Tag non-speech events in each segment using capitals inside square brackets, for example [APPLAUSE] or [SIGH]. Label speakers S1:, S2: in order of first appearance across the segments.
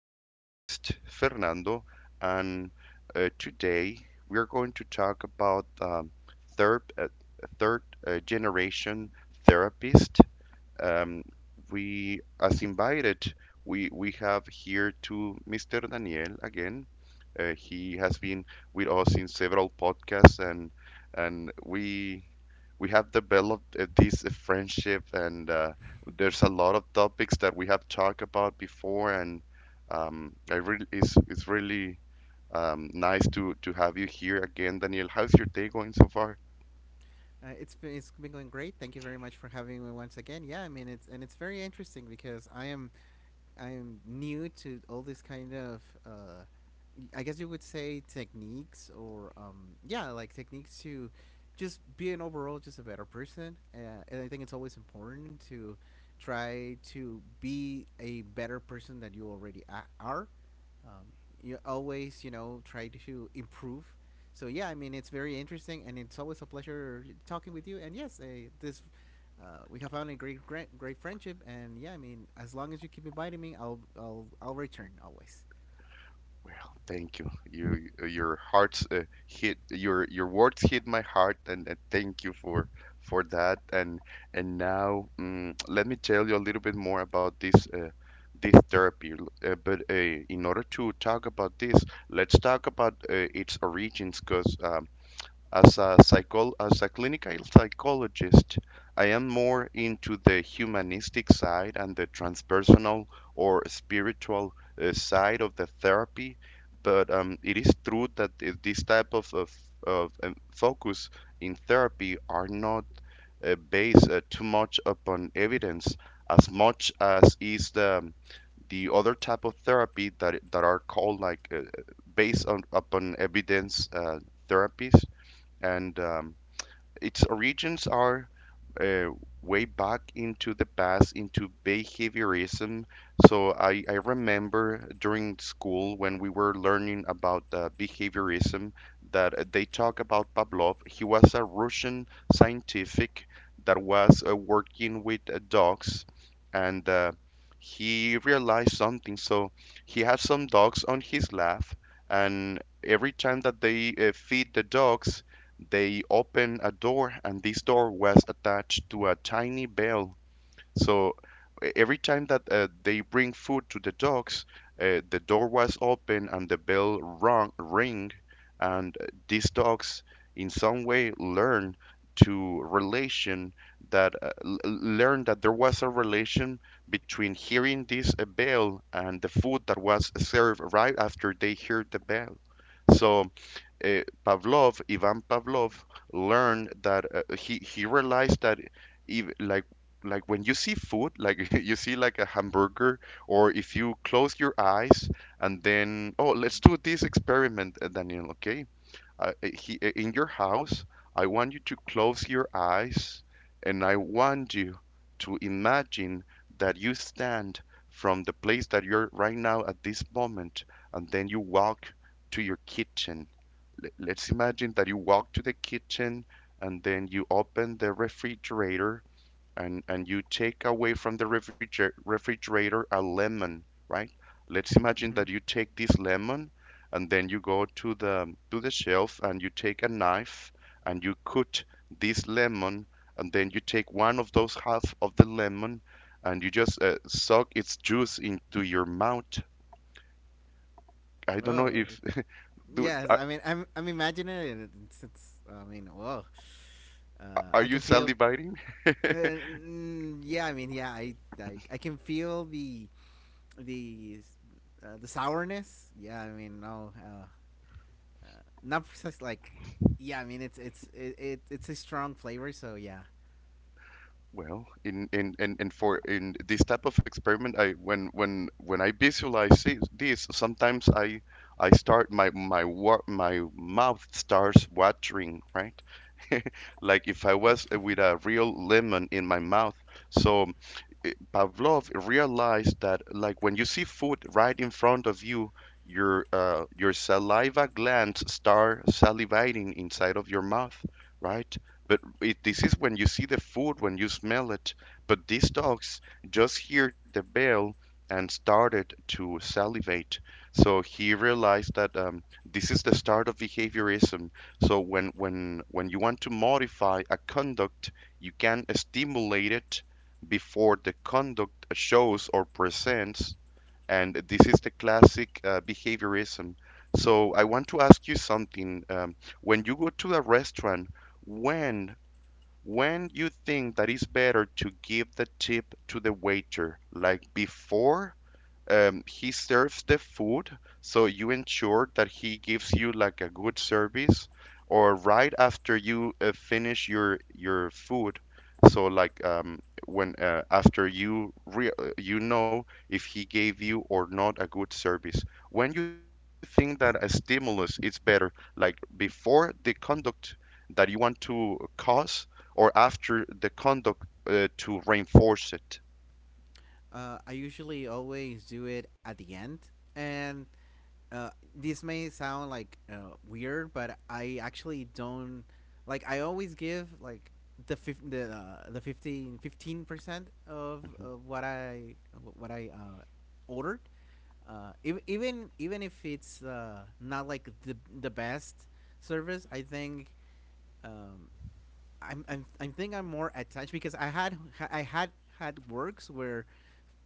S1: Your host, Fernando, and today we are going to talk about third, uh, third generation therapist. Um, we, as invited, we have here to Mr. Daniel again. He has been with us in several podcasts, and and we we have developed this friendship, and there's a lot of topics that we have talked about before, and I really it's really nice to have you here again, Daniel. How's your day going so far?
S2: It's been going great. Thank you very much for having me once again. Yeah, I mean it's very interesting because I'm new to all this kind of I guess you would say techniques or yeah, like techniques to just being overall just a better person. And I think it's always important to try to be a better person that you already are. Um, you always, try to improve. So yeah, I mean, it's very interesting, and it's always a pleasure talking with you. And yes, this we have found a great, great friendship, and yeah, I mean, as long as you keep inviting me, I'll return always.
S1: Well, thank you. You, your hearts hit your words hit my heart, and thank you for that. And now, let me tell you a little bit more about this therapy. L- but In order to talk about this, let's talk about its origins, because as a clinical psychologist, I am more into the humanistic side and the transpersonal or spiritual side of the therapy. But it is true that this type of focus in therapy are not based too much upon evidence as much as is the other type of therapy that are called like based on upon evidence therapies and its origins are uh, way back into the past into behaviorism. So I remember during school when we were learning about behaviorism that they talk about Pavlov. He was a Russian scientific that was working with dogs and he realized something. So he had some dogs on his lap, and every time that they feed the dogs, they opened a door, and this door was attached to a tiny bell. So every time that they bring food to the dogs, the door was open and the bell rung, ring, and these dogs in some way learn to relation that learn that there was a relation between hearing this bell and the food that was served right after they heard the bell. So Pavlov, Ivan Pavlov, learned that he realized that ev like when you see food, like [LAUGHS] you see like a hamburger, or if you close your eyes and then oh, let's do this experiment, Daniel. Okay, in your house, I want you to close your eyes, and I want you to imagine that you stand from the place that you're right now at this moment, and then you walk to your kitchen. Let's imagine that you walk to the kitchen and then you open the refrigerator, and you take away from the refrigerator a lemon, right? Let's imagine
S2: Mm-hmm.
S1: that you take this lemon and then you go to the shelf and you take a knife and you cut this lemon, and then you take one of those half of the lemon and you just suck its juice into your mouth. I don't know
S2: Oh
S1: if [LAUGHS] do,
S2: yes,
S1: are,
S2: I mean I'm imagining it. It's I mean whoa,
S1: are
S2: I
S1: you
S2: can feel.
S1: salivating?
S2: Uh, yeah, I mean yeah, I can feel the the the sourness. Yeah, I mean no, not precise like. Yeah, I mean it's it, it it's a strong flavor, so yeah.
S1: Well, in and for in this type of experiment, I when I visualize it, this, sometimes I start my mouth starts watering, right? [LAUGHS] Like if I was with a real lemon in my mouth. So Pavlov realized that, like, when you see food right in front of you, your saliva glands start salivating inside of your mouth, right? This
S2: Mm-hmm.
S1: is when you see the food, when you smell it. But these dogs just heard the bell and started to salivate. So he realized that this is the start of behaviorism. So when you want to modify a conduct, you can stimulate it before the conduct shows or presents. And this is the classic behaviorism. So I want to ask you something. When you go to a restaurant, when when you think that it's better to give the tip to the waiter, like before he serves the food, so you ensure that he gives you like a good service, or right after you finish your food? So like when after you re you know if he gave you or not a good service. When you think that a stimulus is better, like before the conduct that you want to cause, or after the conduct to reinforce it?
S2: I usually always do it at the end, and this may sound like weird, but I actually don't like. I always give like the 15% of,
S1: Mm-hmm.
S2: what I ordered. Even if it's not like the best service, I think um, I think I'm more attached because I had works where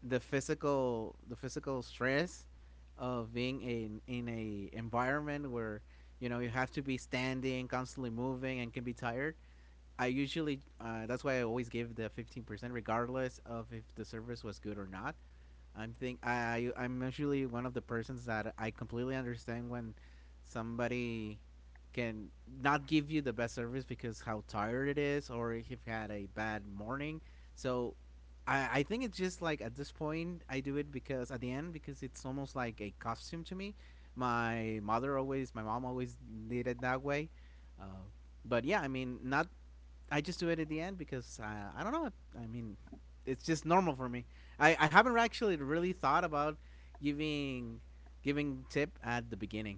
S2: the physical stress of being in a environment where you have to be standing constantly moving and can be tired. I usually That's why I always give the 15% regardless of if the service was good or not. I'm think I I'm usually one of the persons that I completely understand when somebody can not give you the best service because how tired it is or if you've had a bad morning. So I think it's just like at this point I do it because at the end, because it's almost like a costume to me. My mom always did it that way. Uh, but yeah, I mean, not I just do it at the end because I don't know. I mean, it's just normal for me. I haven't actually really thought about giving giving tip at the beginning.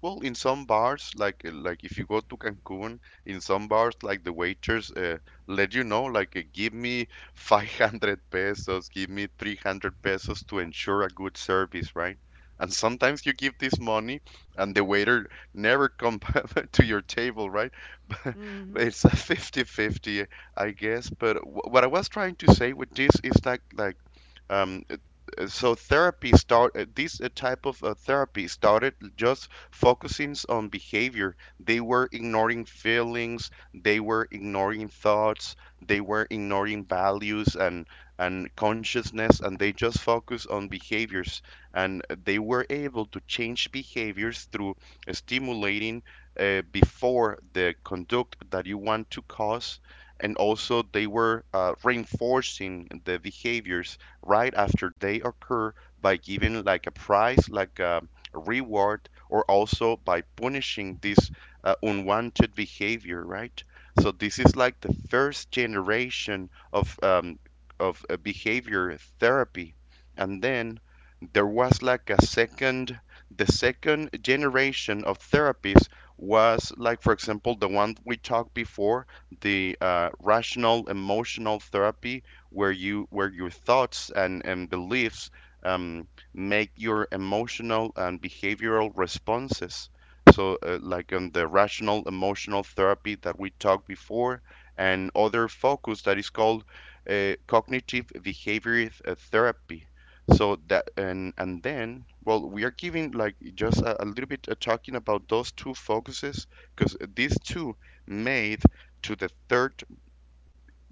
S1: Well, in some bars, like like if you go to Cancun, in some bars, like the waiters let you know, like give me 500 pesos, give me 300 pesos to ensure a good service, right? And sometimes you give this money, and the waiter never come [LAUGHS] to your table, right?
S2: Mm-hmm.
S1: [LAUGHS] It's a 50-50, I guess. But what I was trying to say with this is um, so therapy start this type of therapy started just focusing on behavior. They were ignoring feelings, they were ignoring thoughts, they were ignoring values and consciousness, and they just focus on behaviors, and they were able to change behaviors through stimulating before the conduct that you want to cause, and also they were reinforcing the behaviors right after they occur by giving like a prize, like a reward, or also by punishing this unwanted behavior, right? So this is like the first generation of behavior therapy. And then there was like a second, the second generation of therapies was like for example the one we talked before, the rational emotional therapy, where your thoughts and beliefs um, make your emotional and behavioral responses. So, like on the rational emotional therapy that we talked before, and other focus that is called cognitive behavior therapy. So that, and then well we are giving like just a little bit talking about those two focuses, because these two made to the third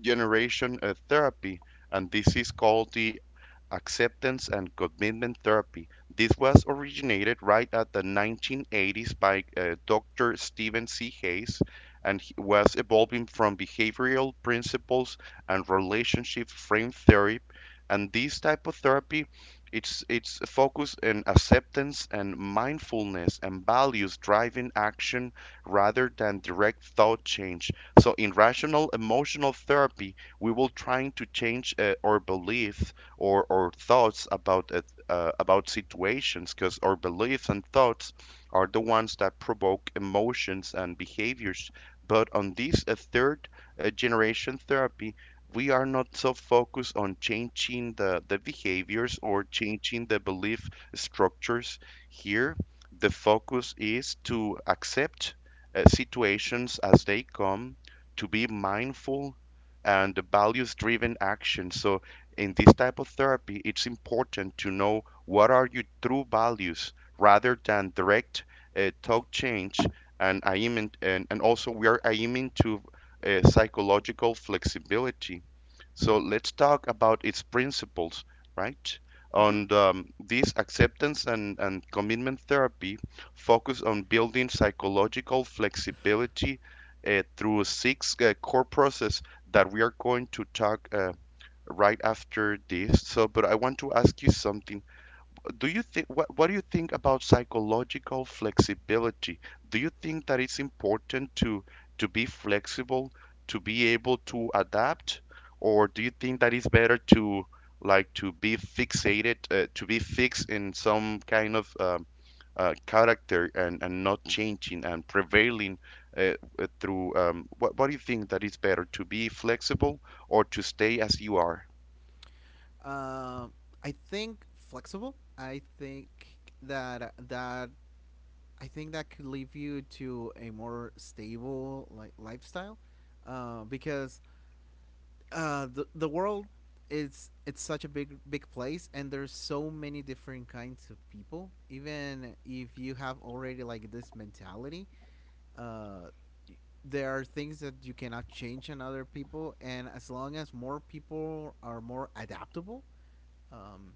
S1: generation therapy, and this is called the acceptance and commitment therapy. This was originated right at the 1980s by Dr. Stephen C. Hayes, and he was evolving from behavioral principles and relationship frame theory. And this type of therapy, it's focused on acceptance and mindfulness and values driving action rather than direct thought change. So in rational emotional therapy, we will trying to change our beliefs or our thoughts about it, about situations, because our beliefs and thoughts are the ones that provoke emotions and behaviors. But on this third generation therapy, we are not so focused on changing the behaviors or changing the belief structures. Here the focus is to accept situations as they come, to be mindful, and the values driven action. So in this type of therapy, it's important to know what are your true values rather than direct talk change. And I am in, and also we are aiming to psychological flexibility. So let's talk about its principles, right?
S2: Mm-hmm.
S1: On this acceptance and commitment therapy, focus on building psychological flexibility through 6 core process that we are going to talk right after this. So, but I want to ask you something. Do you think what do you think about psychological flexibility? Do you think that it's important to be flexible, to be able to adapt, or do you think that it's better to like to be fixated, to be fixed in some kind of character and not changing and prevailing uh, what do you think that it's better to be flexible or to stay as you are?
S2: Uh, I think flexible. I think that that that could lead you to a more stable like lifestyle, because the world is it's such a big place, and there's so many different kinds of people. Even if you have already like this mentality, uh there are things that you cannot change in other people, and as long as more people are more adaptable, um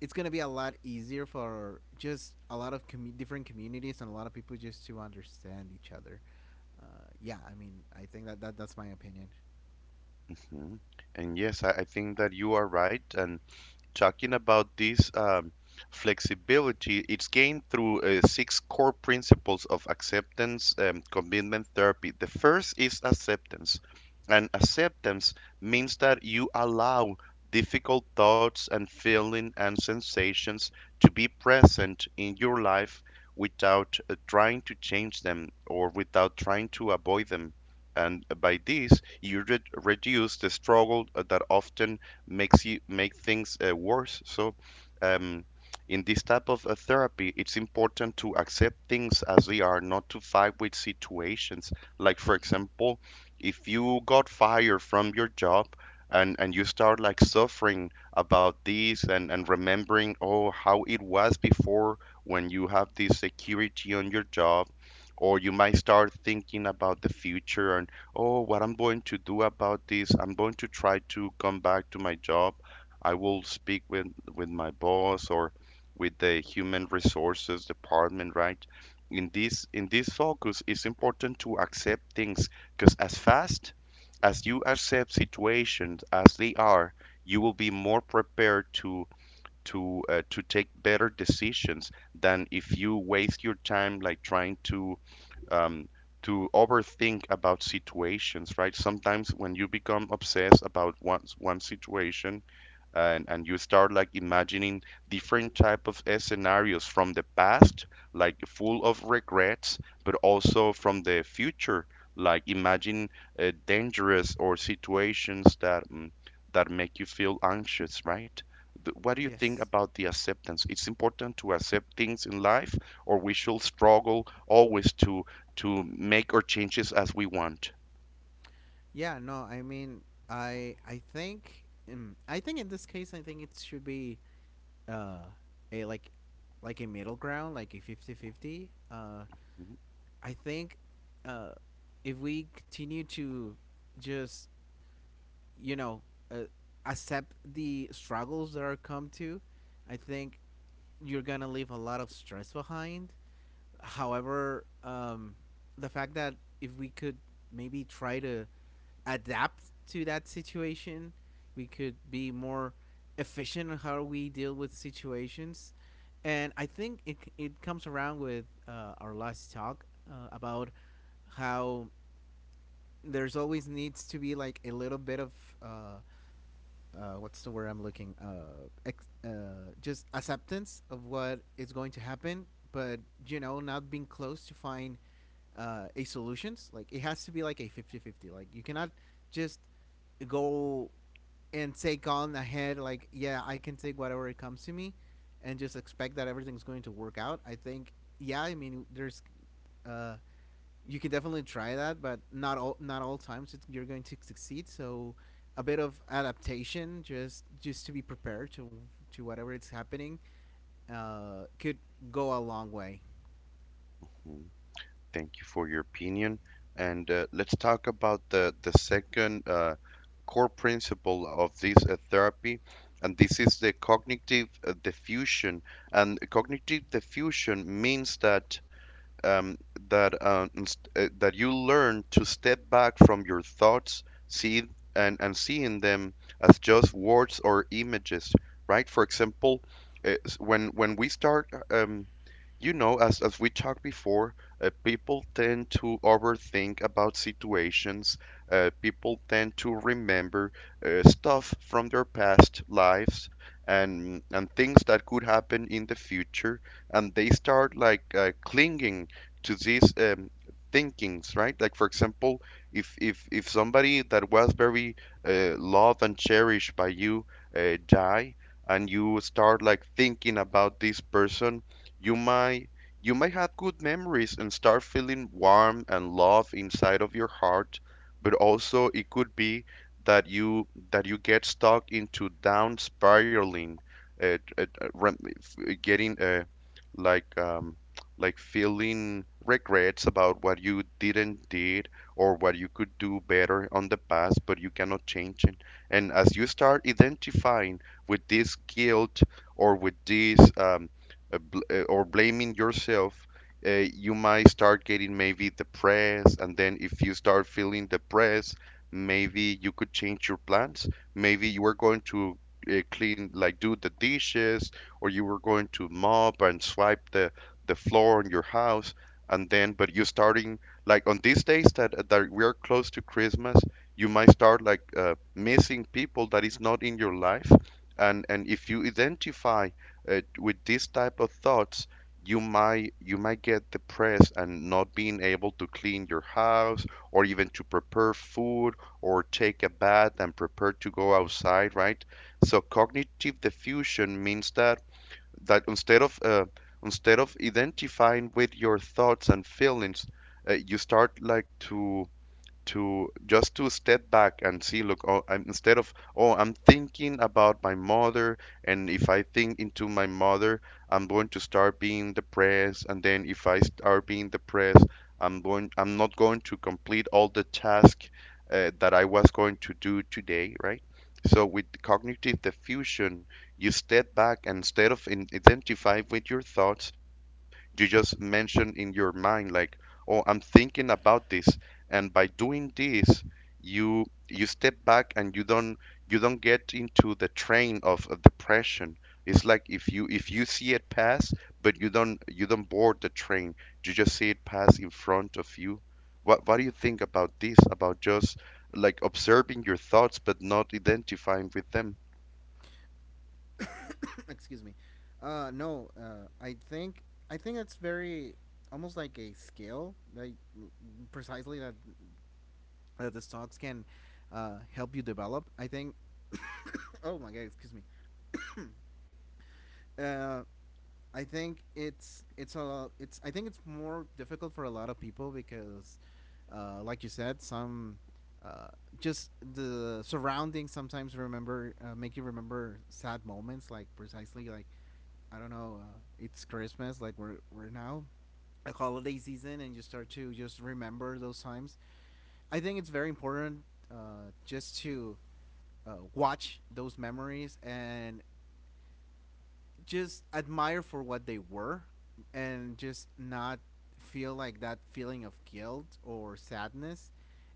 S2: it's going to be a lot easier for just a lot of commu different communities and a lot of people just to understand each other. Yeah, I mean I think that, that's my opinion.
S1: Mhm. And yes, I think that you are right. And talking about this flexibility, it's gained through 6 core principles of acceptance commitment therapy. The first is acceptance, and acceptance means that you allow difficult thoughts and feelings and sensations to be present in your life without trying to change them or without trying to avoid them. And by this, you reduce the struggle that often makes you make things worse. So um, in this type of therapy, it's important to accept things as they are, not to fight with situations. Like for example, if you got fired from your job, and you start like suffering about this, and remembering oh how it was before when you have this security on your job, or you might start thinking about the future and oh, what I'm going to do about this, I'm going to try to come back to my job. I will speak with my boss or with the human resources department, right? In this focus, it's important to accept things because as fast as you accept situations as they are, you will be more prepared to take better decisions than if you waste your time like trying um, to overthink about situations, right? Sometimes when you become obsessed about one situation, and you start like imagining different type of scenarios from the past, like full of regrets, but also from the future, like imagine dangerous or situations that make you feel anxious, right? What do you think
S2: Yes.
S1: about the acceptance? It's important to accept things in life, or we should struggle always to make our changes as we want.
S2: Yeah, no, I mean, I I think I think in this case I think it should be uh a like a middle ground, like a fifty fifty. I think uh if we continue to just, you know, uh, accept the struggles that are come to, I think you're going to leave a lot of stress behind. However, the fact that if we could maybe try to adapt to that situation, we could be more efficient in how we deal with situations. And I think it comes around with our last talk about how there's always needs to be like a little bit of uh, what's the word I'm looking just acceptance of what is going to happen, but not being close to find a solutions. Like it has to be like a fifty-fifty. Like you cannot just go and take on ahead like, yeah, I can take whatever it comes to me, and just expect that everything's going to work out. I think, yeah, I mean there's uh, you can definitely try that, but not all times you're going to succeed. So a bit of adaptation, just to be prepared to whatever it's happening, could go a long way.
S1: Mhm. Thank you for your opinion. And let's talk about the second core principle of this therapy, and this is the cognitive diffusion. And cognitive diffusion means um, that you learn to step back from your thoughts, see and seeing them as just words or images, right? For example, when we start, as we talked before, people tend to overthink about situations. People tend to remember stuff from their past lives and things that could happen in the future, and they start like clinging to these thinkings, right? Like for example, if somebody that was very loved and cherished by you die, and you start like thinking about this person, you might you might have good memories and start feeling warm and love inside of your heart, but also it could be that you that you get stuck into down spiraling, rem- f- getting like um, feeling regrets about what you didn't did or what you could do better on the past, but you cannot change it. And as you start identifying with this guilt or with this or blaming yourself, you might start getting maybe depressed. And then if you start feeling depressed, maybe you could change your plans. Maybe you are going to clean, like do the dishes, or you were going to mop and swipe the floor in your house, and then but you starting like on these days that we're close to Christmas, you might start like missing people that is not in your life, and if you identify with these type of thoughts, you might get depressed and not being able to clean your house, or even to prepare food or take a bath and prepare to go outside, right? So cognitive diffusion means that instead of identifying with your thoughts and feelings, you start like to just to step back and see, instead of, oh, I'm thinking about my mother, and if I think into my mother, I'm going to start being depressed, and then if I start being depressed, I'm not going to complete all the tasks that I was going to do today, right? So with cognitive diffusion you step back, and instead of identify with your thoughts, you just mention in your mind like, oh, I'm thinking about this, and by doing this you you step back and you don't get into the train of depression. It's like if you see it pass, but you don't board the train, you just see it pass in front of you. What do you think about this, about just like observing your thoughts but not identifying with them?
S2: [COUGHS] Excuse me. No, I think that's very almost like a skill, like precisely that the stocks can help you develop. I think. [COUGHS] Oh my god! Excuse me. Uh, I think it's more difficult for a lot of people because, like you said, some uh, just the surroundings sometimes remember make you remember sad moments, like precisely, like I don't know, it's Christmas, like we're now a holiday season, and you start to just remember those times. I think it's very important, just to watch those memories and just admire for what they were, and just not feel like that feeling of guilt or sadness.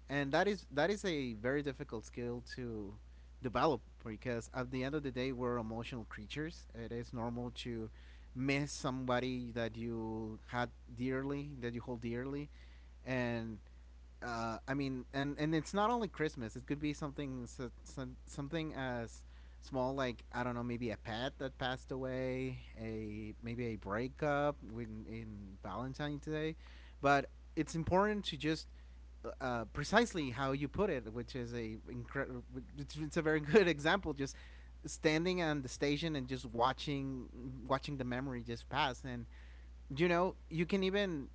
S2: And that is a very difficult skill to develop, because at the end of the day we're emotional creatures. It is normal to miss somebody that you had dearly, that you hold dearly. And I mean, and it's not only Christmas. It could be something something as small, like I don't know, maybe a pet that passed away, a maybe a breakup when in Valentine's Day, but it's important to just, precisely how you put it, which is a incredible. It's a very [LAUGHS] good example. Just standing on the station and just watching the memory just pass, and you know you can even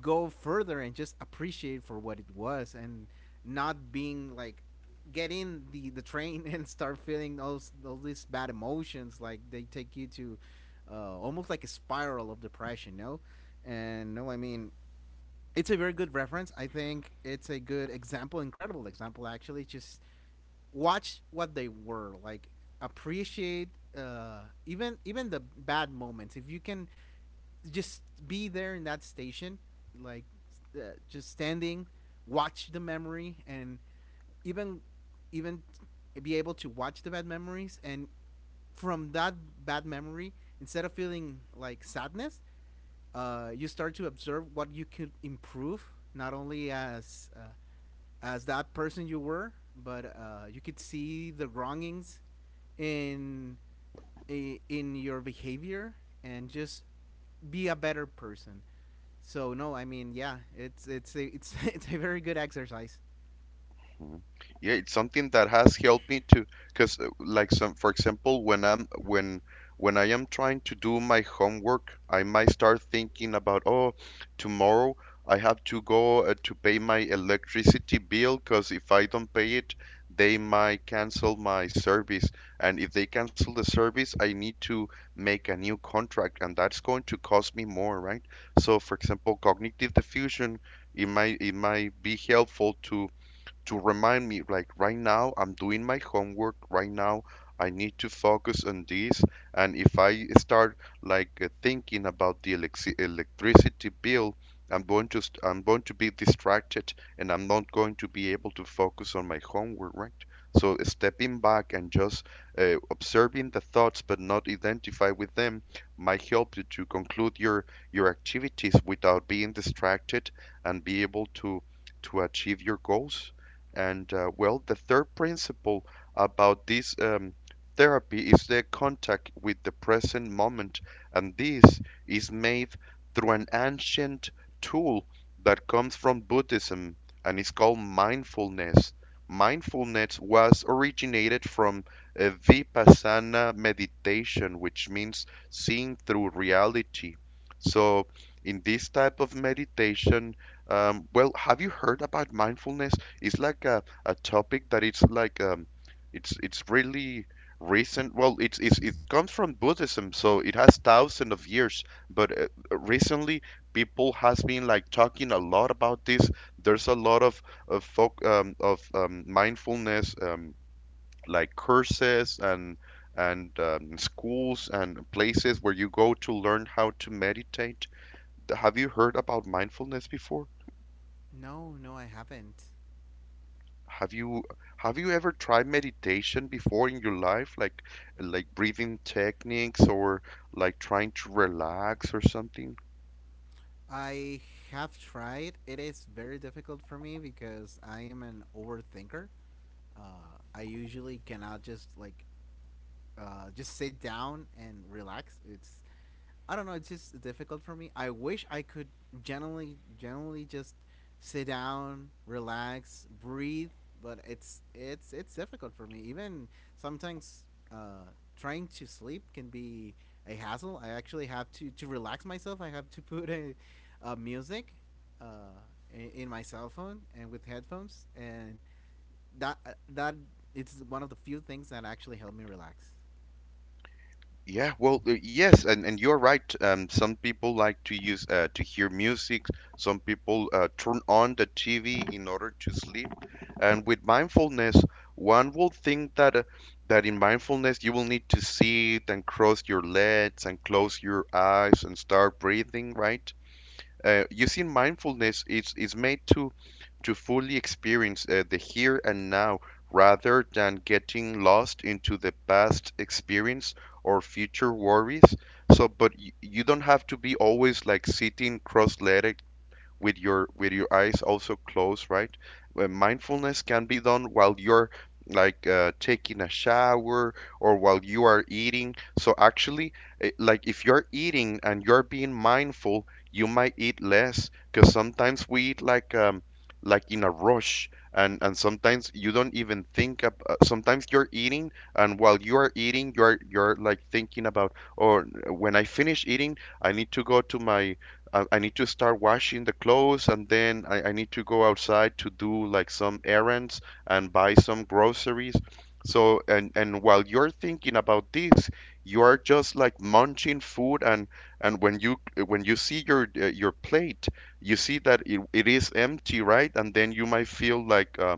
S2: go further and just appreciate for what it was, and not being like get in the train [LAUGHS] and start feeling those all these bad emotions, like they take you to, almost like a spiral of depression. No. And no, I mean, it's a very good reference. I think it's a good example, incredible example actually. Just watch what they were like. Appreciate, even the bad moments. If you can just be there in that station, like, just standing, watch the memory, and even even be able to watch the bad memories, and from that bad memory, instead of feeling like sadness, you start to observe what you could improve, not only as that person you were, but you could see the wrongings in in your behavior and just be a better person. So no, I mean, yeah, it's a, it's [LAUGHS] it's a very good exercise.
S1: Mhm. Yeah, it's something that has helped me to, because like some, for example, when I am trying to do my homework, I might start thinking about, oh, tomorrow I have to go to pay my electricity bill, because if I don't pay it, they might cancel my service, and if they cancel the service, I need to make a new contract, and that's going to cost me more, right? So, for example, cognitive diffusion, it might be helpful to remind me, like right now, I'm doing my homework. Right now, I need to focus on this. And if I start like thinking about the electricity bill, I'm going to be distracted, and I'm not going to be able to focus on my homework, right? So stepping back and just observing the thoughts, but not identify with them, might help you to conclude your activities without being distracted and be able to achieve your goals. And well, the third principle about this therapy is the contact with the present moment, and this is made through an ancient tool that comes from Buddhism and is called mindfulness. Mindfulness was originated from vipassana meditation, which means seeing through reality. So, in this type of meditation, well, have you heard about mindfulness? It's like a topic that it's like it's really recent. Well, it comes from Buddhism, so it has thousands of years, but recently people has been like talking a lot about this. There's a lot of folk, of mindfulness, like courses and schools and places where you go to learn how to meditate. Have you heard about mindfulness before?
S2: No, no, I haven't.
S1: Have you have you ever tried meditation before in your life, like breathing techniques or like trying to relax or something?
S2: I have tried. It is very difficult for me because I am an overthinker. I usually cannot just like, just sit down and relax. It's I don't know. It's just difficult for me. I wish I could generally just sit down, relax, breathe. But it's difficult for me. Even sometimes, uh, trying to sleep can be a hassle. I actually have to relax myself. I have to [LAUGHS] put a music, uh, in my cell phone and with headphones, and that it's one of the few things that actually help me relax.
S1: Yeah, well, yes, and you're right. Some people like to use to hear music. Some people turn on the TV in order to sleep. And with mindfulness, one will think that in mindfulness you will need to sit and cross your legs and close your eyes and start breathing, right? You see, mindfulness is made to fully experience the here and now rather than getting lost into the past experience or future worries. So, but y you don't have to be always like sitting cross-legged with your eyes also closed, right? Mindfulness can be done while you're like taking a shower or while you are eating. So actually, like if you're eating and you're being mindful, you might eat less because sometimes we eat like in a rush, and sometimes you don't even think up, sometimes you're eating, and while you are eating you're like thinking about, or when I finish eating I need to go I need to start washing the clothes, and then I need to go outside to do like some errands and buy some groceries. So and while you're thinking about this, you are just like munching food, and when you see your plate, you see that it is empty, right? And then you might feel like uh,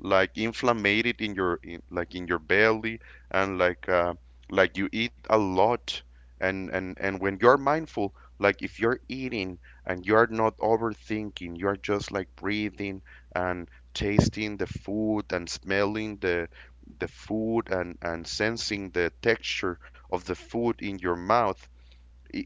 S1: like inflamed in your belly, and like you eat a lot, and when you're mindful, like if you're eating and you're not overthinking, you're just like breathing and tasting the food and smelling the food, and sensing the texture of the food in your mouth. i-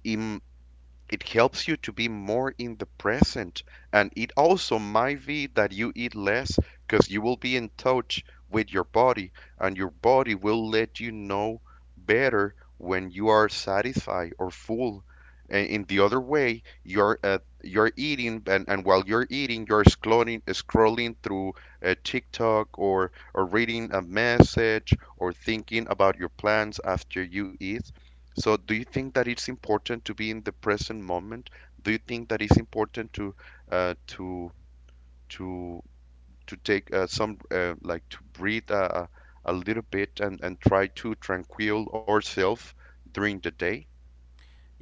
S1: it helps you to be more in the present. And it also might be that you eat less because you will be in touch with your body, and your body will let you know better when you are satisfied or full. In the other way, you're eating, and while you're eating, you're scrolling through TikTok or reading a message or thinking about your plans after you eat. So, do you think that it's important to be in the present moment? Do you think that it's important uh, to to to take some like to breathe a little bit and try to tranquil ourselves during the day?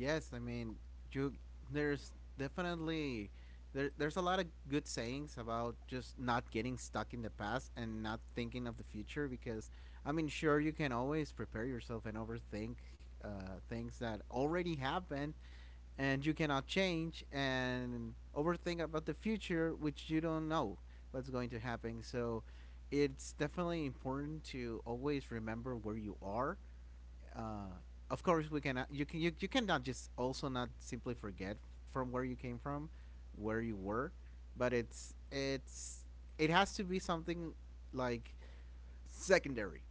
S2: Yes, I mean, you there's definitely there's a lot of good sayings about just not getting stuck in the past and not thinking of the future, because I mean, sure you can always prepare yourself and overthink things that already happened and you cannot change, and overthink about the future which you don't know what's going to happen. So it's definitely important to always remember where you are. uh, of course we cannot you can, you cannot just also not simply forget from where you came from, where you were, but it has to be something like secondary.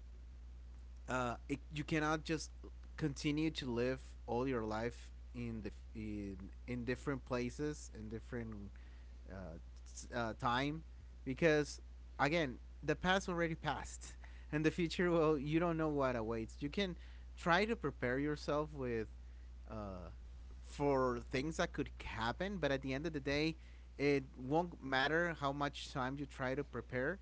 S2: You cannot just continue to live all your life in in different places in different, uh, time, because again the past already passed [LAUGHS] and the future, well you don't know what awaits. You can try to prepare yourself with, uh, for things that could happen, but at the end of the day it won't matter how much time you try to prepare.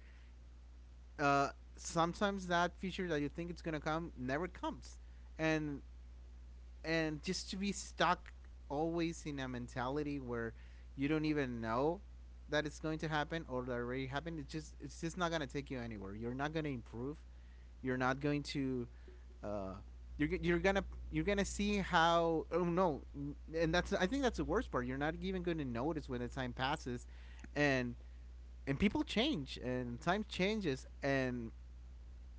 S2: uh, Sometimes that feature that you think it's gonna come never comes, and and just to be stuck always in a mentality where you don't even know that it's going to happen or that already happened. It's just not gonna take you anywhere. You're not gonna improve. You're not going to. Uh, you're, g- you're gonna you're gonna see how oh no. And that's, I think that's the worst part. You're not even gonna notice when the time passes, and and people change and time changes. And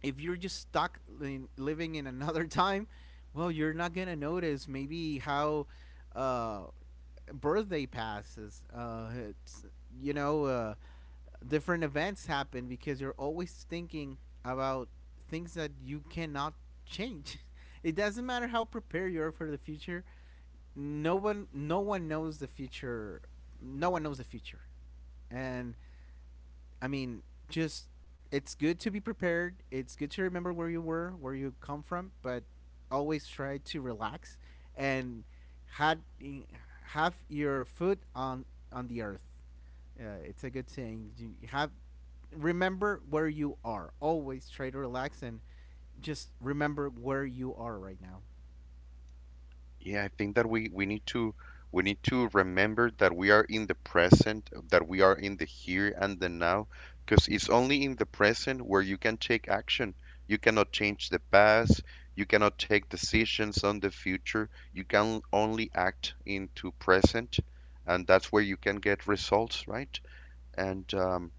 S2: if you're just stuck in, living in another [LAUGHS] time, well, you're not gonna notice maybe how uh, birthday passes. You know, uh, different events happen because you're always thinking about things that you cannot change. [LAUGHS] It doesn't matter how prepared you are for the future. No one, no one knows the future. No one knows the future, and, I mean, just it's good to be prepared. It's good to remember where you were, where you come from, but always try to relax and had have your foot on the earth. It's a good thing. You have remember where you are. Always try to relax and just remember where you are right now.
S1: Yeah, I think that we need to remember that we are in the present, that we are in the here and the now, because it's only in the present where you can take action. You cannot change the past, you cannot take decisions on the future. You can only act into present, and that's where you can get results, right? And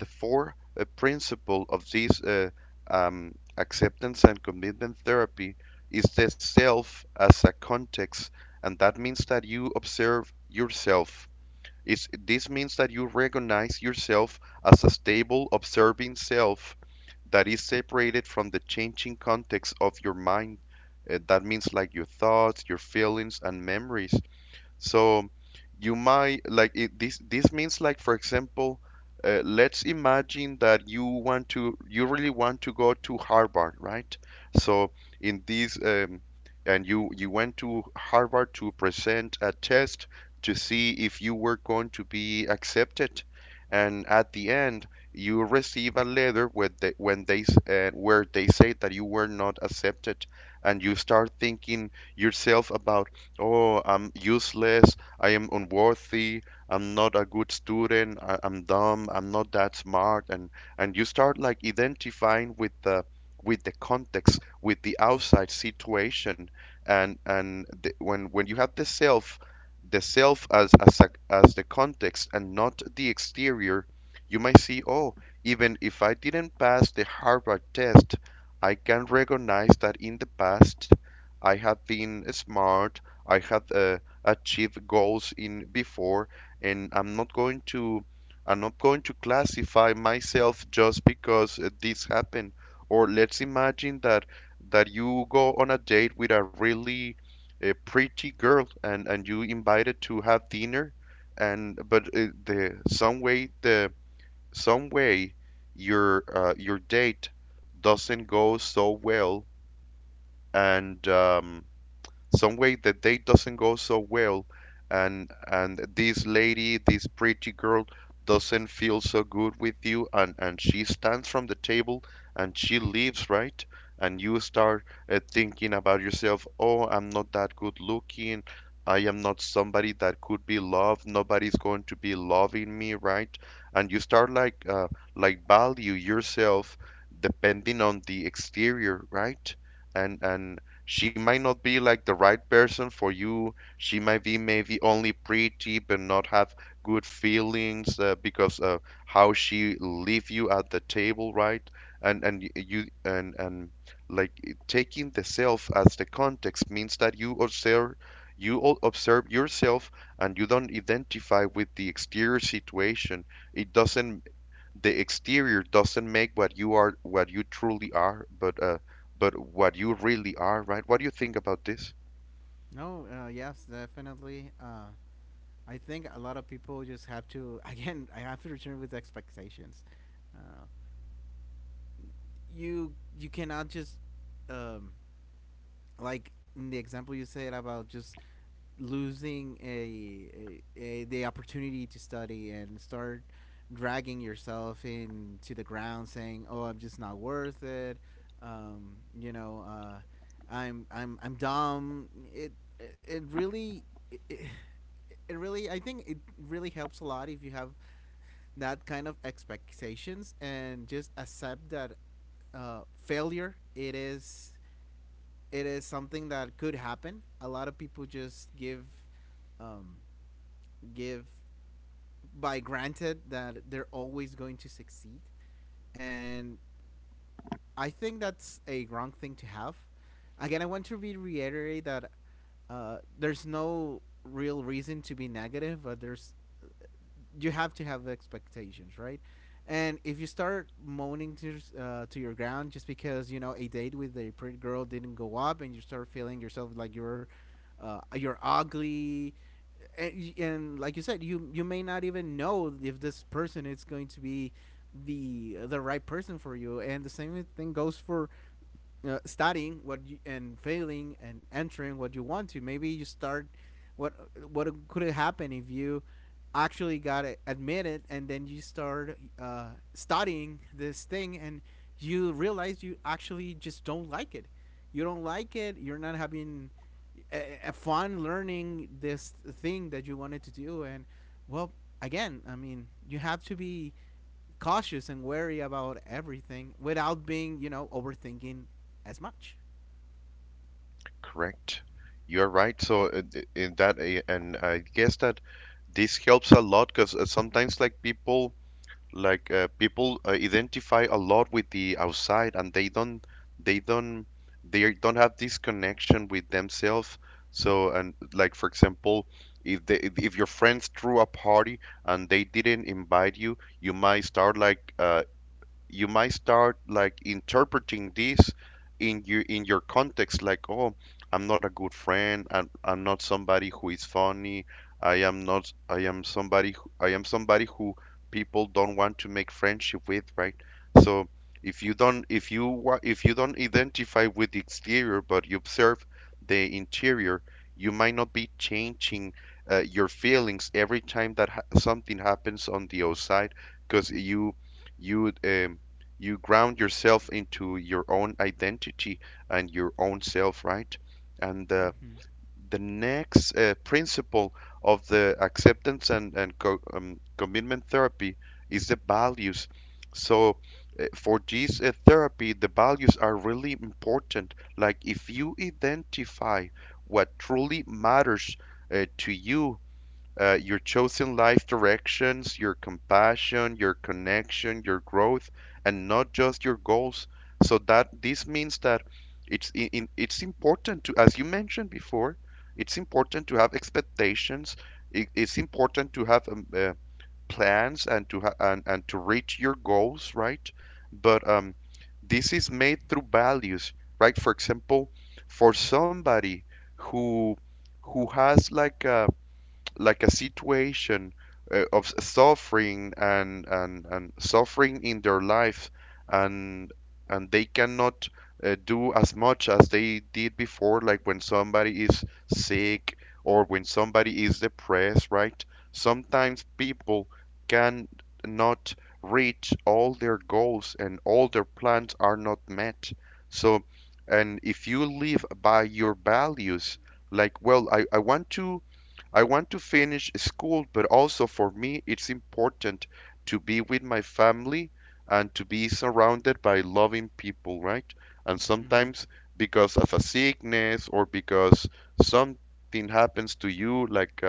S1: the fourth principle of this acceptance and commitment therapy is the self as a context, and that means that you observe yourself. Is this means that you recognize yourself as a stable observing self that is separated from the changing context of your mind. That means like your thoughts, your feelings, and memories. So you might like it, this means like for example, let's imagine that you want to you really want to go to Harvard, right? So in this and you went to Harvard to present a test to see if you were going to be accepted. And at the end, you receive a letter with the, when they s- where they say that you were not accepted, and you start thinking yourself about, oh, I'm useless. I am unworthy. I'm not a good student. I'm dumb. I'm not that smart. And you start like identifying with the context, with the outside situation, and the, when you have the self as as the context and not the exterior, you might see, oh, even if I didn't pass the Harvard test, I can recognize that in the past I have been smart. I had achieved goals in before, and I'm not going to I'm not going to classify myself just because this happened. Or let's imagine that you go on a date with a really pretty girl, and you invited to have dinner, and but the some way your date doesn't go so well, and some way the date doesn't go so well, and this pretty girl doesn't feel so good with you, and she stands from the table and she leaves, right? And you start thinking about yourself, oh, I'm not that good looking. I am not somebody that could be loved. Nobody's going to be loving me, right? And you start like value yourself depending on the exterior, right? And she might not be like the right person for you. She might be maybe only pretty but not have good feelings, because how she leave you at the table, right? And y- you and like taking the self as the context means that you observe, you all observe yourself and you don't identify with the exterior situation. It doesn't the exterior doesn't make what you are, what you truly are, but what you really are, right? What do you think about this?
S2: No, yes, definitely. I think a lot of people just have to [LAUGHS] again. I have to return with expectations. Uh, you cannot just, um like in the example you said about just losing a the opportunity to study, and start dragging yourself into the ground saying, oh, I'm just not worth it. um, you know uh, I'm dumb. it it really it, it really, I think it really helps a lot if you have that kind of expectations and just accept that, failure, it is something that could happen. A lot of people just give, um, give by granted that they're always going to succeed, and I think that's a wrong thing to have. Again, I want to reiterate that, there's no real reason to be negative, but there's you have to have expectations, right? And if you start moaning to, to your ground just because, you know, a date with a pretty girl didn't go up, and you start feeling yourself like you're, you're ugly, and, like you said, you may not even know if this person is going to be the right person for you. And the same thing goes for, studying what you, and failing and entering what you want to. Maybe you start what could happen if you actually got admitted, and then you start, studying this thing and you realize you actually just don't like it. You don't like it. You're not having a fun learning this thing that you wanted to do. And, well, again, I mean, you have to be cautious and wary about everything without being, you know, overthinking as much.
S1: Correct. You're right. So in that and I guess that this helps a lot because sometimes like people identify a lot with the outside and they don't they don't have this connection with themselves. So, and like for example, if they if your friends threw a party and they didn't invite you, you might start like you might start like interpreting this in your context like, oh, I'm not a good friend. I'm not somebody who is funny. I am not i am somebody who, I am somebody who people don't want to make friendship with, right? So if you don't identify with the exterior but you observe the interior, you might not be changing your feelings every time that something happens on the outside, because you um, you ground yourself into your own identity and your own self, right? And
S2: Mm-hmm.
S1: the next principle of the acceptance and commitment therapy is the values. So, for this therapy, the values are really important. Like, if you identify what truly matters to you, your chosen life directions, your compassion, your connection, your growth, and not just your goals. So that this means that it's important to, as you mentioned before, it's important to have expectations. It's important to have plans and to reach your goals, right? But this is made through values, right? For example, for somebody who has like a situation of suffering and suffering in their life, and and they cannot do as much as they did before, like when somebody is sick or when somebody is depressed, right? Sometimes people can not reach all their goals and all their plans are not met. So, and if you live by your values, like, well, I want to finish school, but also for me, it's important to be with my family and to be surrounded by loving people, right? And
S2: Mm-hmm.
S1: sometimes because of a sickness or because something happens to you, like uh,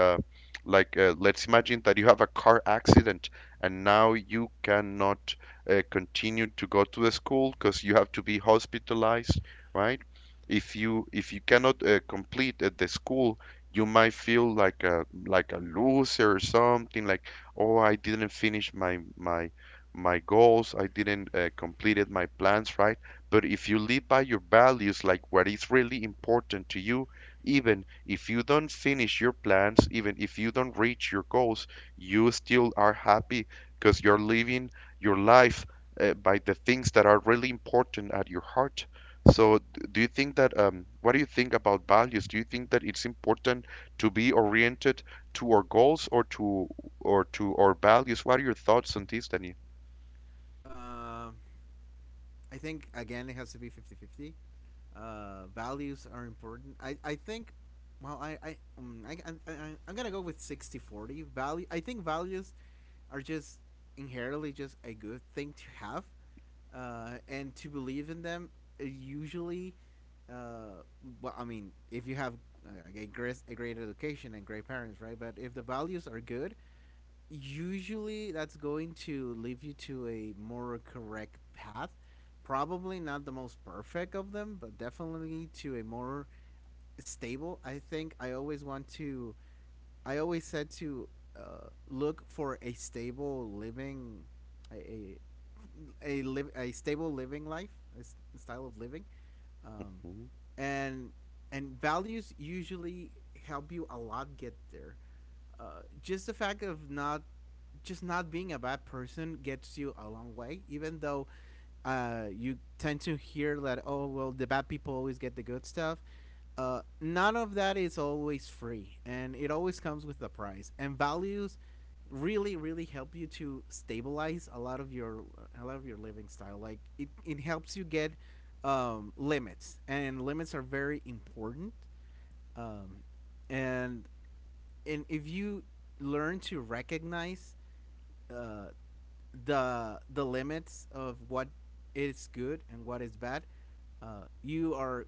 S1: like uh, let's imagine that you have a car accident and now you cannot continue to go to the school because you have to be hospitalized, right? If you cannot complete the school, you might feel like a loser or something like, oh, I didn't finish my my goals, I didn't completed my plans, right? But if you live by your values, like what is really important to you, even if you don't finish your plans, even if you don't reach your goals, you still are happy because you're living your life by the things that are really important at your heart. So do you think that, what do you think about values? Do you think that it's important to be oriented to our goals or to our values? What are your thoughts on this, Daniel?
S2: I think again it has to be 50-50. Values are important. I think, well, I'm going to go with 60-40. Value, I think values are just inherently just a good thing to have. And to believe in them, uh, usually, uh, well, I mean, if you have, a great education and great parents, right? But if the values are good, usually that's going to lead you to a more correct path. Probably not the most perfect of them, but definitely to a more stable. I think I always want to. I always said to, look for a stable living, a a a, live a stable living life, a s- style of living, um,
S1: Mhm.
S2: and values usually help you a lot get there. Just the fact of not just not being a bad person gets you a long way, even though, you tend to hear that, oh, well, the bad people always get the good stuff. None of that is always free, and it always comes with a price. And values really, really help you to stabilize a lot of your living style. Like it helps you get, limits, and limits are very important. Um, and if you learn to recognize, uh, the limits of what is good and what is bad, you are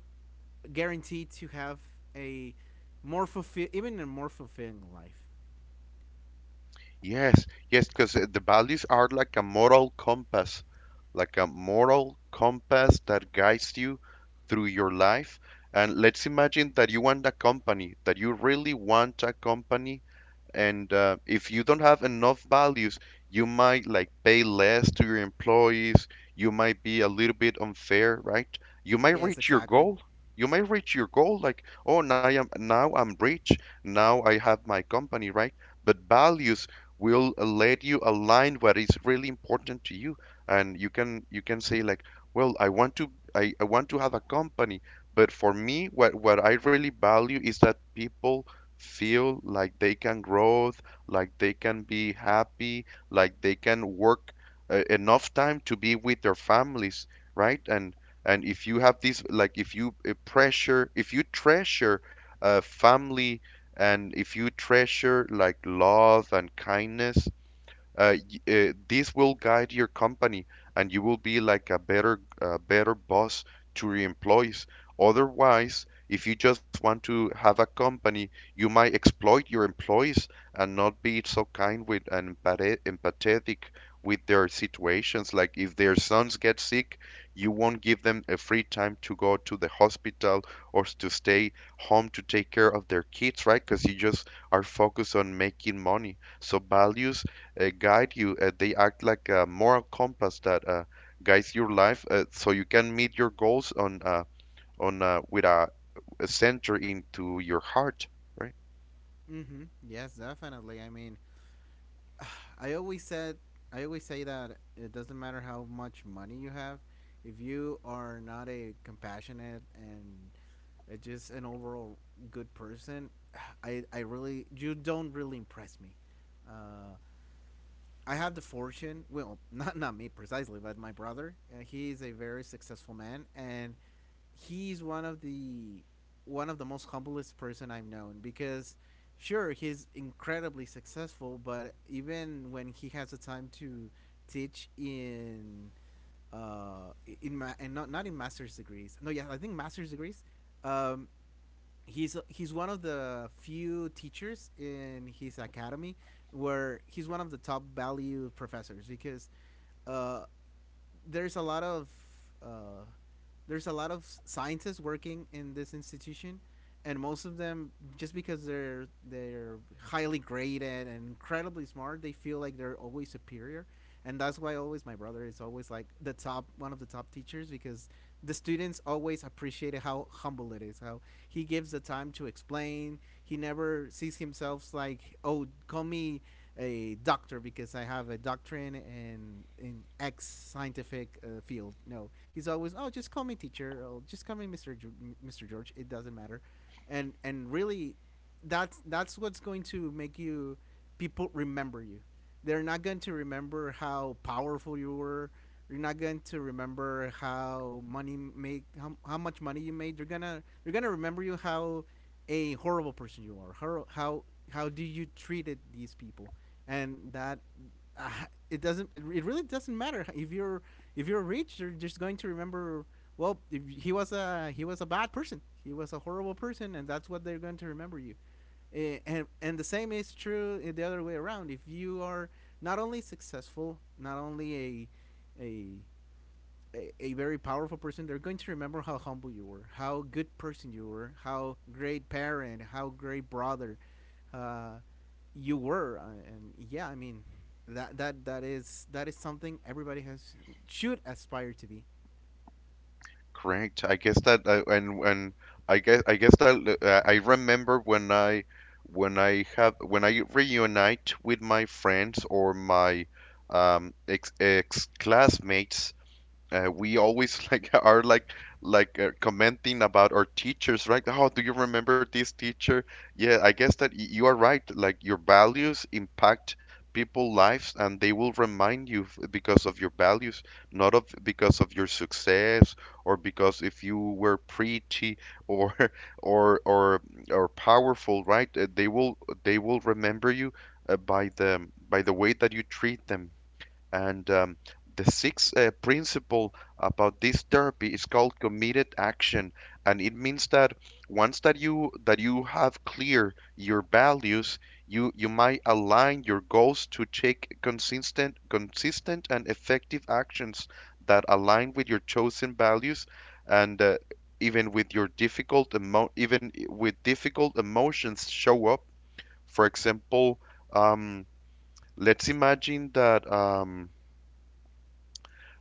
S2: guaranteed to have a a more fulfilling life.
S1: Yes, yes, because the values are like a moral compass, like a moral compass that guides you through your life. And let's imagine that you want a company, that you really want a company. And if you don't have enough values, you might like pay less to your employees. You might be a little bit unfair, right? You might
S2: Yes,
S1: reach your
S2: exactly.
S1: goal. You might reach your goal like, oh, now I'm rich. Now I have my company, right? But values will let you align what is really important to you, and you can say like, well, I want to I want to have a company, but for me, what I really value is that people feel like they can grow, like they can be happy, like they can work enough time to be with their families, right? And if you have this, like if you treasure family, and if you treasure like love and kindness, uh, this will guide your company and you will be like a better boss to your employees. Otherwise, if you just want to have a company, you might exploit your employees and not be so kind with and empathetic with their situations. Like if their sons get sick, you won't give them a free time to go to the hospital or to stay home to take care of their kids, right? Because you just are focused on making money. So values guide you. They act like a moral compass that guides your life, so you can meet your goals on with a center into your heart. Right?
S2: Mm-hmm. Yes, definitely. I mean, [SIGHS] I always said I always say that it doesn't matter how much money you have, if you are not a compassionate and, just an overall good person, [SIGHS] I really you don't really impress me. Uh, I have the fortune, well, [LAUGHS] not me precisely, but my brother. He is a very successful man, and he's one of the most humblest person I've known, because sure he's incredibly successful, but even when he has the time to teach in, uh in ma- and not in master's degrees, no, yeah, I think master's degrees, um he's one of the few teachers in his academy where he's one of the top value professors because, uh there's a lot of, uh, there's a lot of scientists working in this institution, and most of them just because they're highly graded and incredibly smart, they feel like they're always superior, and that's why always my brother is always like the top one of the top teachers because the students always appreciate how humble it is, how he gives the time to explain. He never sees himself like, oh, call me a doctor because I have a doctorate in X scientific, field. No, he's always, oh, just call me teacher. Oh, just call me Mr. George. It doesn't matter, and really, that's what's going to make you people remember you. They're not going to remember how powerful you were. You're not going to remember how, much money you made. They're gonna remember you how a horrible person you are. How do you treated these people? And that, uh, it doesn't it really doesn't matter if you're rich. They're just going to remember. Well, if he was a, bad person. He was a horrible person, and that's what they're going to remember you. Eh, and the same is true in the other way around. If you are not only successful, not only a, very powerful person, they're going to remember how humble you were, how good person you were, how great parent, how great brother, uh, you were. And yeah, I mean that is something everybody has should aspire to be.
S1: Correct. I guess that and I guess that I remember when I have when I reunite with my friends or my ex classmates, we always [LAUGHS] like are like commenting about our teachers, right? Oh, do you remember this teacher? Yeah, I guess that you are right, like your values impact people's lives and they will remind you because of your values, not of because of your success, or because if you were pretty, or [LAUGHS] or or or powerful, right? They will they will remember you by the way that you treat them. And the sixth principle about this therapy is called committed action, and it means that once that you have clear your values, you might align your goals to take consistent and effective actions that align with your chosen values and even with your even with difficult emotions show up. For example, um, let's imagine that um,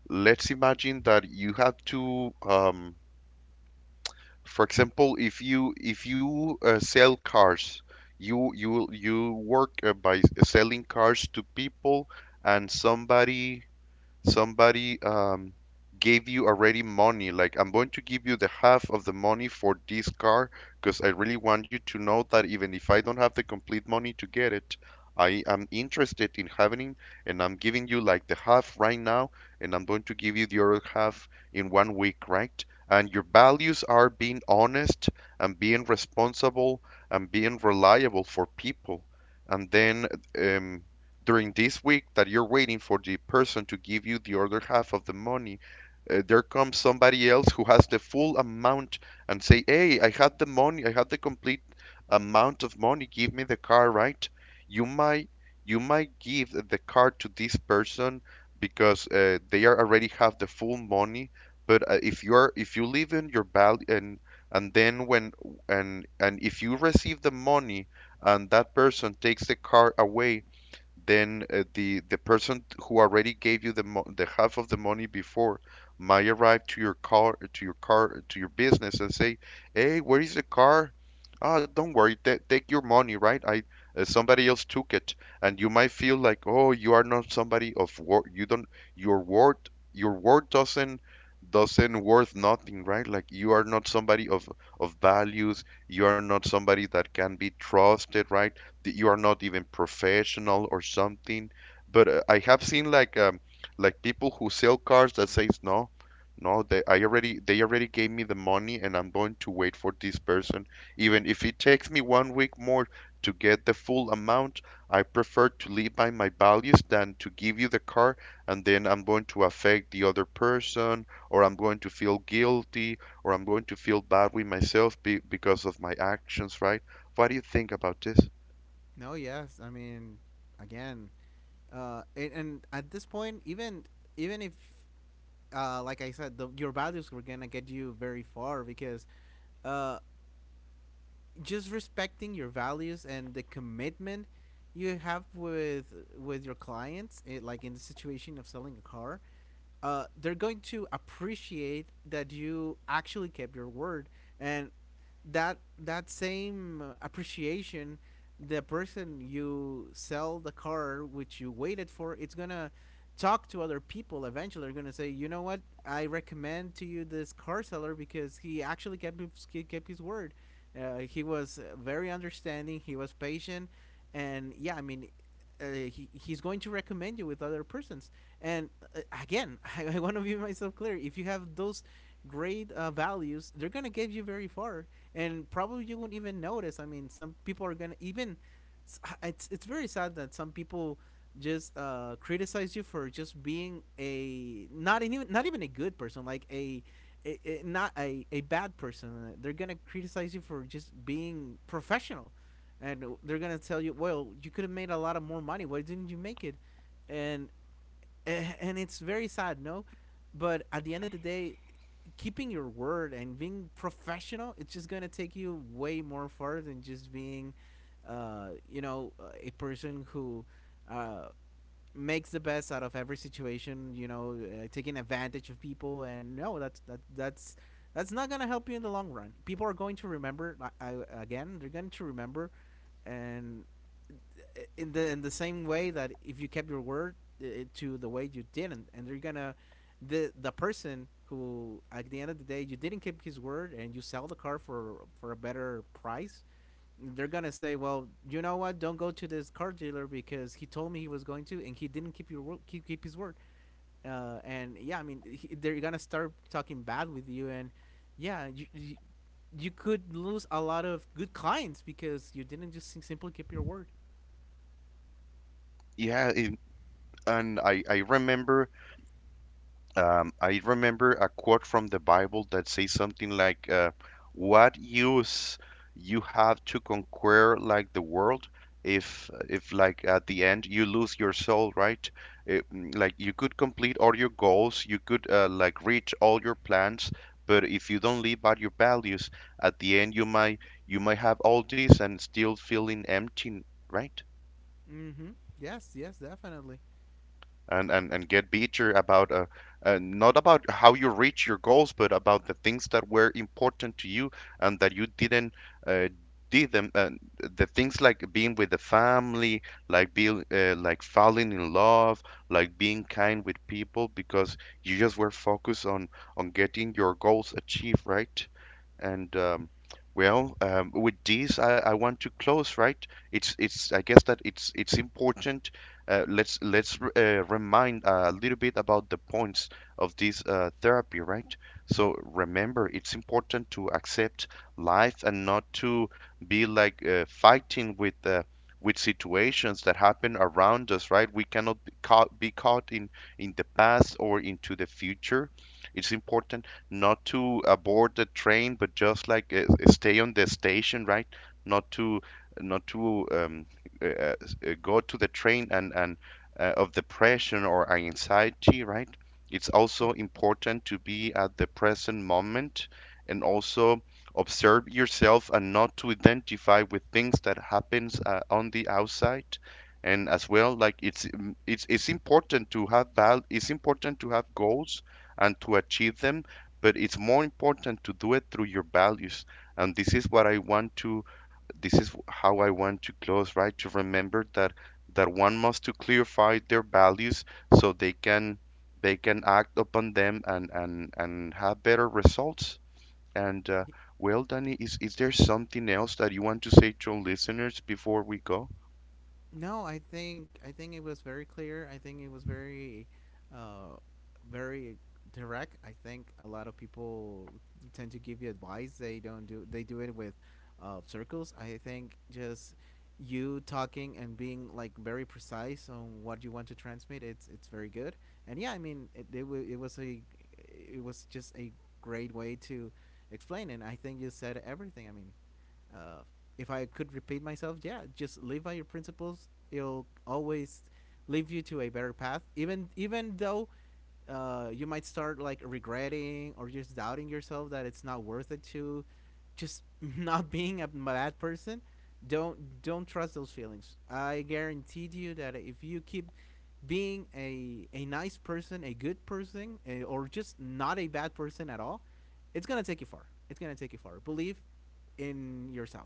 S1: let's imagine that you have to for example, if you work by selling cars to people, and somebody gave you already money, like, I'm going to give you the half of the money for this car because I really want you to know that even if I don't have the complete money to get it, I am interested in having it, and I'm giving you like the half right now, and I'm going to give you the other half in one week, right? And your values are being honest and being responsible and being reliable for people. And then um, during this week that you're waiting for the person to give you the other half of the money, there comes somebody else who has the full amount and say, "Hey, I had the money. I had the complete amount of money. Give me the car, right?" You might you might give the car to this person because they are already have the full money. But if you live in your value and then when and if you receive the money and that person takes the car away, then the person who already gave you the half of the money before might arrive to your car to your business and say, "Hey, where is the car? Ah, don't worry, take your money, right? I Somebody else took it." And you might feel like, "Oh, you are not somebody of word. Your word your word doesn't worth nothing, right? Like you are not somebody of values. You are not somebody that can be trusted, right? That you are not even professional or something. But I have seen like people who sell cars that says, no, they already gave me the money and I'm going to wait for this person. Even if it takes me 1 week more to get the full amount, I prefer to live by my values than to give you the car, and then I'm going to affect the other person, or I'm going to feel guilty, or I'm going to feel bad with myself be because of my actions, right? What do you think about this?
S2: No, yes, I mean again, and at this point, even if, like I said, your values were gonna get you very far because, uh, just respecting your values and the commitment you have with your clients, it, like in the situation of selling a car, they're going to appreciate that you actually kept your word, and that same appreciation, the person you sell the car which you waited for, it's gonna talk to other people. Eventually they're gonna say, you know what, I recommend to you this car seller because he actually he kept his word. He was, very understanding. He was patient, and yeah, I mean, he's going to recommend you with other persons, and, again, [LAUGHS] I want to be myself clear, if you have those great, values, they're gonna get you very far, and probably you won't even notice. I mean, some people are gonna even. It's very sad that some people just, criticize you for just being a, not even a good person, like a not a bad person. They're gonna criticize you for just being professional, and they're gonna tell you, well, you could have made a lot of more money. Why didn't you make it? And, eh, and it's very sad, no. But at the end of the day, keeping your word and being professional, it's just gonna take you way more far than just being, uh, you know, a person who, uh, makes the best out of every situation. You know, taking advantage of people, and no, that's that's not gonna help you in the long run. People are going to remember. I, again, they're going to remember, and in the same way that if you kept your word, to the way you didn't, and they're gonna, the person who at the end of the day, you didn't keep his word and you sell the car for a better price. They're gonna say, well, you know what, don't go to this car dealer because he told me he was going to and he didn't keep your word, keep his word. And yeah, I mean, they're gonna start talking bad with you, and yeah, you, you could lose a lot of good clients because you didn't just simply keep your word.
S1: Yeah, and I remember I remember a quote from the Bible that says something like, "What use you have to conquer like the world if like at the end you lose your soul, right? Like you could complete all your goals, you could like reach all your plans, but if you don't live by your values, at the end you might have all this and still feeling empty, right?
S2: Mm-hmm. Yes, yes, definitely.
S1: And get bitter about not about how you reach your goals, but about the things that were important to you and that you didn't uh, did them. And the things like being with the family, like being like falling in love, like being kind with people, because you just were focused on getting your goals achieved, right? And um, with this, I want to close, right? It's I guess that it's important. Let's remind a little bit about the points of this therapy, right? So remember, it's important to accept life and not to be like fighting with situations that happen around us, right? We cannot be caught in the past or into the future. It's important not to abort the train, but just like stay on the station, right? Not to not to um, uh, uh, go to the train and of depression or anxiety, right? It's
S2: Mm.
S1: also important to be at the present moment, and also observe yourself and not to identify with things that happens on the outside, and as well like it's mm, it's important to have val it's important to have goals and to achieve them, but it's more important to do it through your values. And this is what I want to, this is how I want to close, right? To remember that one must to clarify their values so they can act upon them and have better results. And uh,
S2: Y-
S1: Danny, is there something else that you want to say to our listeners before we go?
S2: No, I think it was very clear. I think it was very, uh, very direct. I think a lot of people tend to give you advice. They don't do. They do it with, circles. I think just you talking and being like very precise on what you want to transmit. It's very good. And yeah, I mean, it was a, it was just a great way to explain. And I think you said everything. I mean. uh, if I could repeat myself, yeah, just live by your principles. It'll always lead you to a better path, even though, you might start like regretting or just doubting yourself that it's not worth it to just [LAUGHS] not being a bad person. Don't trust those feelings. I guarantee you that if you keep being a nice person, a good person, or just not a bad person at all, it's gonna take you far. It's gonna take you far. Believe in yourself.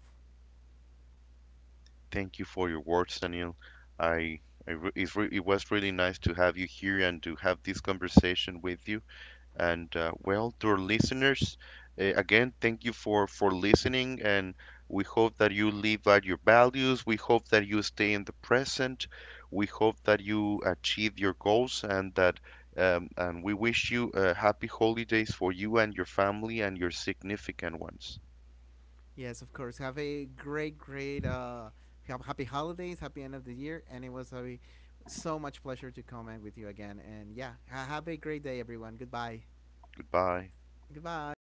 S1: Thank you for your words, Daniel. I I re- it's re- It was really nice to have you here and to have this conversation with you. And well, to our listeners, again, thank you for listening, and we hope that you live out your values. We hope that you stay in the present. We hope that you achieve your goals, and that and we wish you happy holidays for you and your family and your significant ones.
S2: Yes, of course. Have a great, great, happy holidays, happy end of the year, and it was a, so much pleasure to comment with you again. And yeah, have a great day, everyone. Goodbye.
S1: Goodbye.
S2: Goodbye.